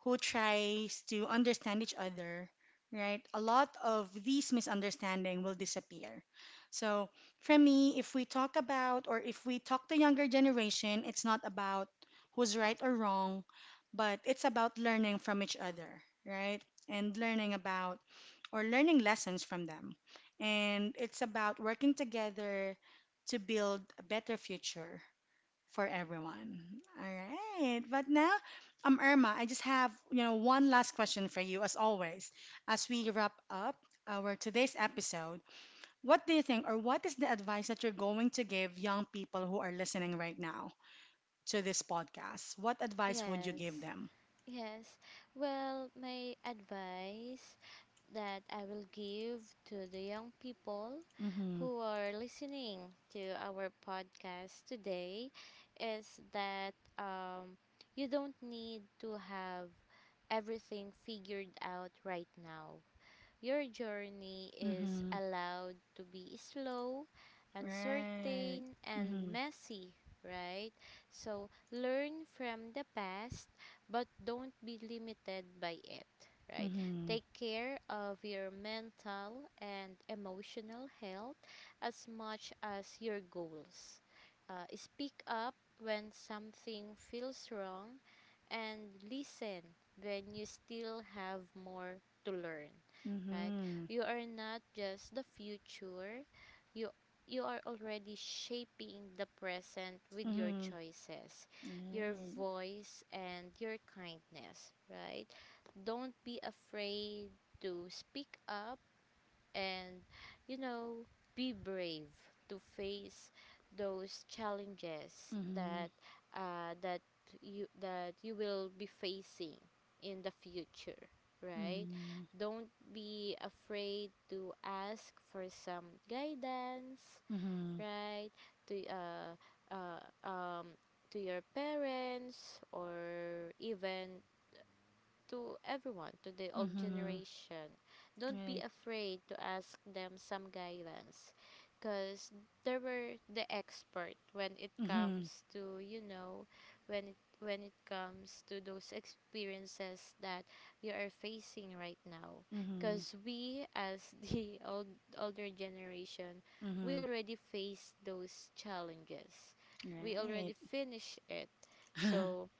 Speaker 1: who tries to understand each other, right, a lot of these misunderstanding will disappear. So for me, if we talk about or if we talk to younger generation, it's not about who's right or wrong, but it's about learning from each other, right? And learning about or learning lessons from them. And it's about working together to build a better future, for everyone. All right. But now, Irma, I just have, you know, one last question for you, as always. As we wrap up our today's episode, what do you think, or what is the advice that you're going to give young people who are listening right now to this podcast? What advice would you give
Speaker 2: Yes.
Speaker 1: them?
Speaker 2: Yes. Well, my advice that I will give to the young people
Speaker 1: Mm-hmm.
Speaker 2: who are listening to our podcast today is that, you don't need to have everything figured out right now. Your journey is
Speaker 1: Mm-hmm.
Speaker 2: allowed to be slow,
Speaker 1: Right.
Speaker 2: uncertain, and
Speaker 1: Mm-hmm.
Speaker 2: messy, right? So learn from the past, but don't be limited by it, right?
Speaker 1: Mm-hmm.
Speaker 2: Take care of your mental and emotional health as much as your goals. Speak up when something feels wrong and listen when you still have more to learn, right? You are not just the future. You You are already shaping the present with your
Speaker 1: Mm-hmm.
Speaker 2: choices, your
Speaker 1: Mm-hmm. Right.
Speaker 2: voice and your kindness, right? Don't be afraid to speak up, and, you know, be brave to face those challenges
Speaker 1: Mm-hmm.
Speaker 2: that uh, that you— that you will be facing in the future, right?
Speaker 1: Mm-hmm.
Speaker 2: Don't be afraid to ask for some guidance,
Speaker 1: Mm-hmm.
Speaker 2: right? To uh, um, to your parents or even to everyone, to the old
Speaker 1: Mm-hmm.
Speaker 2: generation. Don't be
Speaker 1: Right.
Speaker 2: afraid to ask them some guidance, because they were the expert when it
Speaker 1: Mm-hmm.
Speaker 2: comes to, you know, when it— when it comes to those experiences that you are facing right now,
Speaker 1: Mm-hmm.
Speaker 2: because we, as the old— older generation, we
Speaker 1: Mm-hmm.
Speaker 2: already faced those challenges. We
Speaker 1: Right.
Speaker 2: already finished it, so,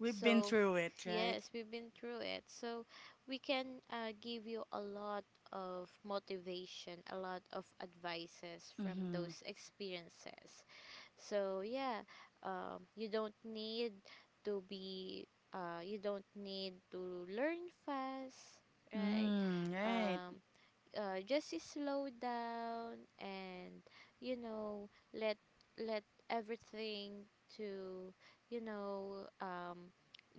Speaker 1: We've been
Speaker 2: so,
Speaker 1: through it, right?
Speaker 2: yes, we've been through it. So we can give you a lot of motivation, a lot of advices from
Speaker 1: Mm-hmm.
Speaker 2: those experiences. So, yeah, you don't need to be, you don't need to learn fast, right?
Speaker 1: Mm, right.
Speaker 2: Um, just slow down and, you know, let let everything to, you know,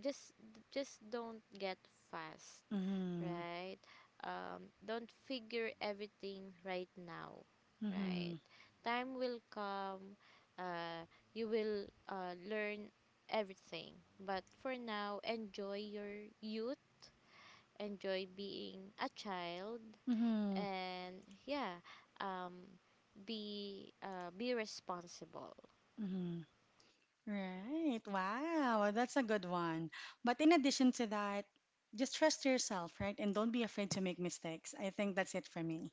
Speaker 2: just just don't get fast,
Speaker 1: Mm-hmm.
Speaker 2: right? Don't figure everything right now, right?
Speaker 1: Mm-hmm.
Speaker 2: Time will come, uh you will learn everything, but for now, enjoy your youth, enjoy being a child,
Speaker 1: Mm-hmm.
Speaker 2: and, yeah, um be responsible.
Speaker 1: Mm-hmm. Right. Wow, that's a good one. But in addition to that, just trust yourself, right? And don't be afraid to make mistakes. I think that's it for me.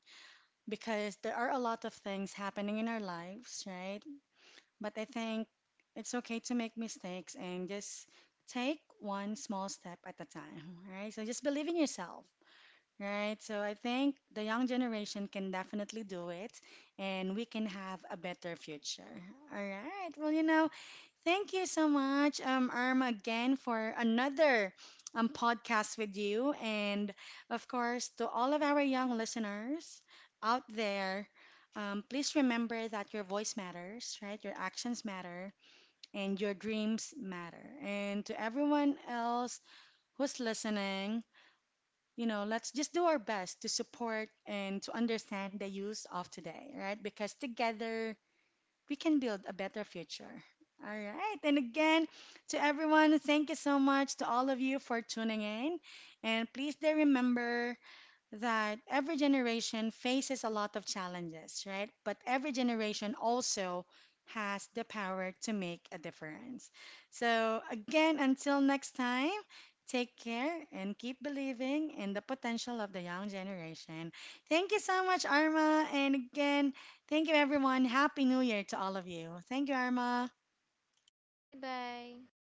Speaker 1: Because there are a lot of things happening in our lives, right? But I think it's okay to make mistakes and just take one small step at a time, right? So just believe in yourself, right? So I think the young generation can definitely do it and we can have a better future. All right. Well, you know, thank you so much, Arm, again for another podcast with you. And of course, to all of our young listeners out there, please remember that your voice matters, right? Your actions matter, and your dreams matter. And to everyone else who's listening, you know, let's just do our best to support and to understand the youth of today, right? Because together, we can build a better future. All right. And again, to everyone, thank you so much to all of you for tuning in. And please do remember that every generation faces a lot of challenges, right? But every generation also has the power to make a difference. So, again, until next time, take care and keep believing in the potential of the young generation. Thank you so much, Arma. And again, thank you, everyone. Happy New Year to all of you. Thank you, Arma.
Speaker 2: Bye bye.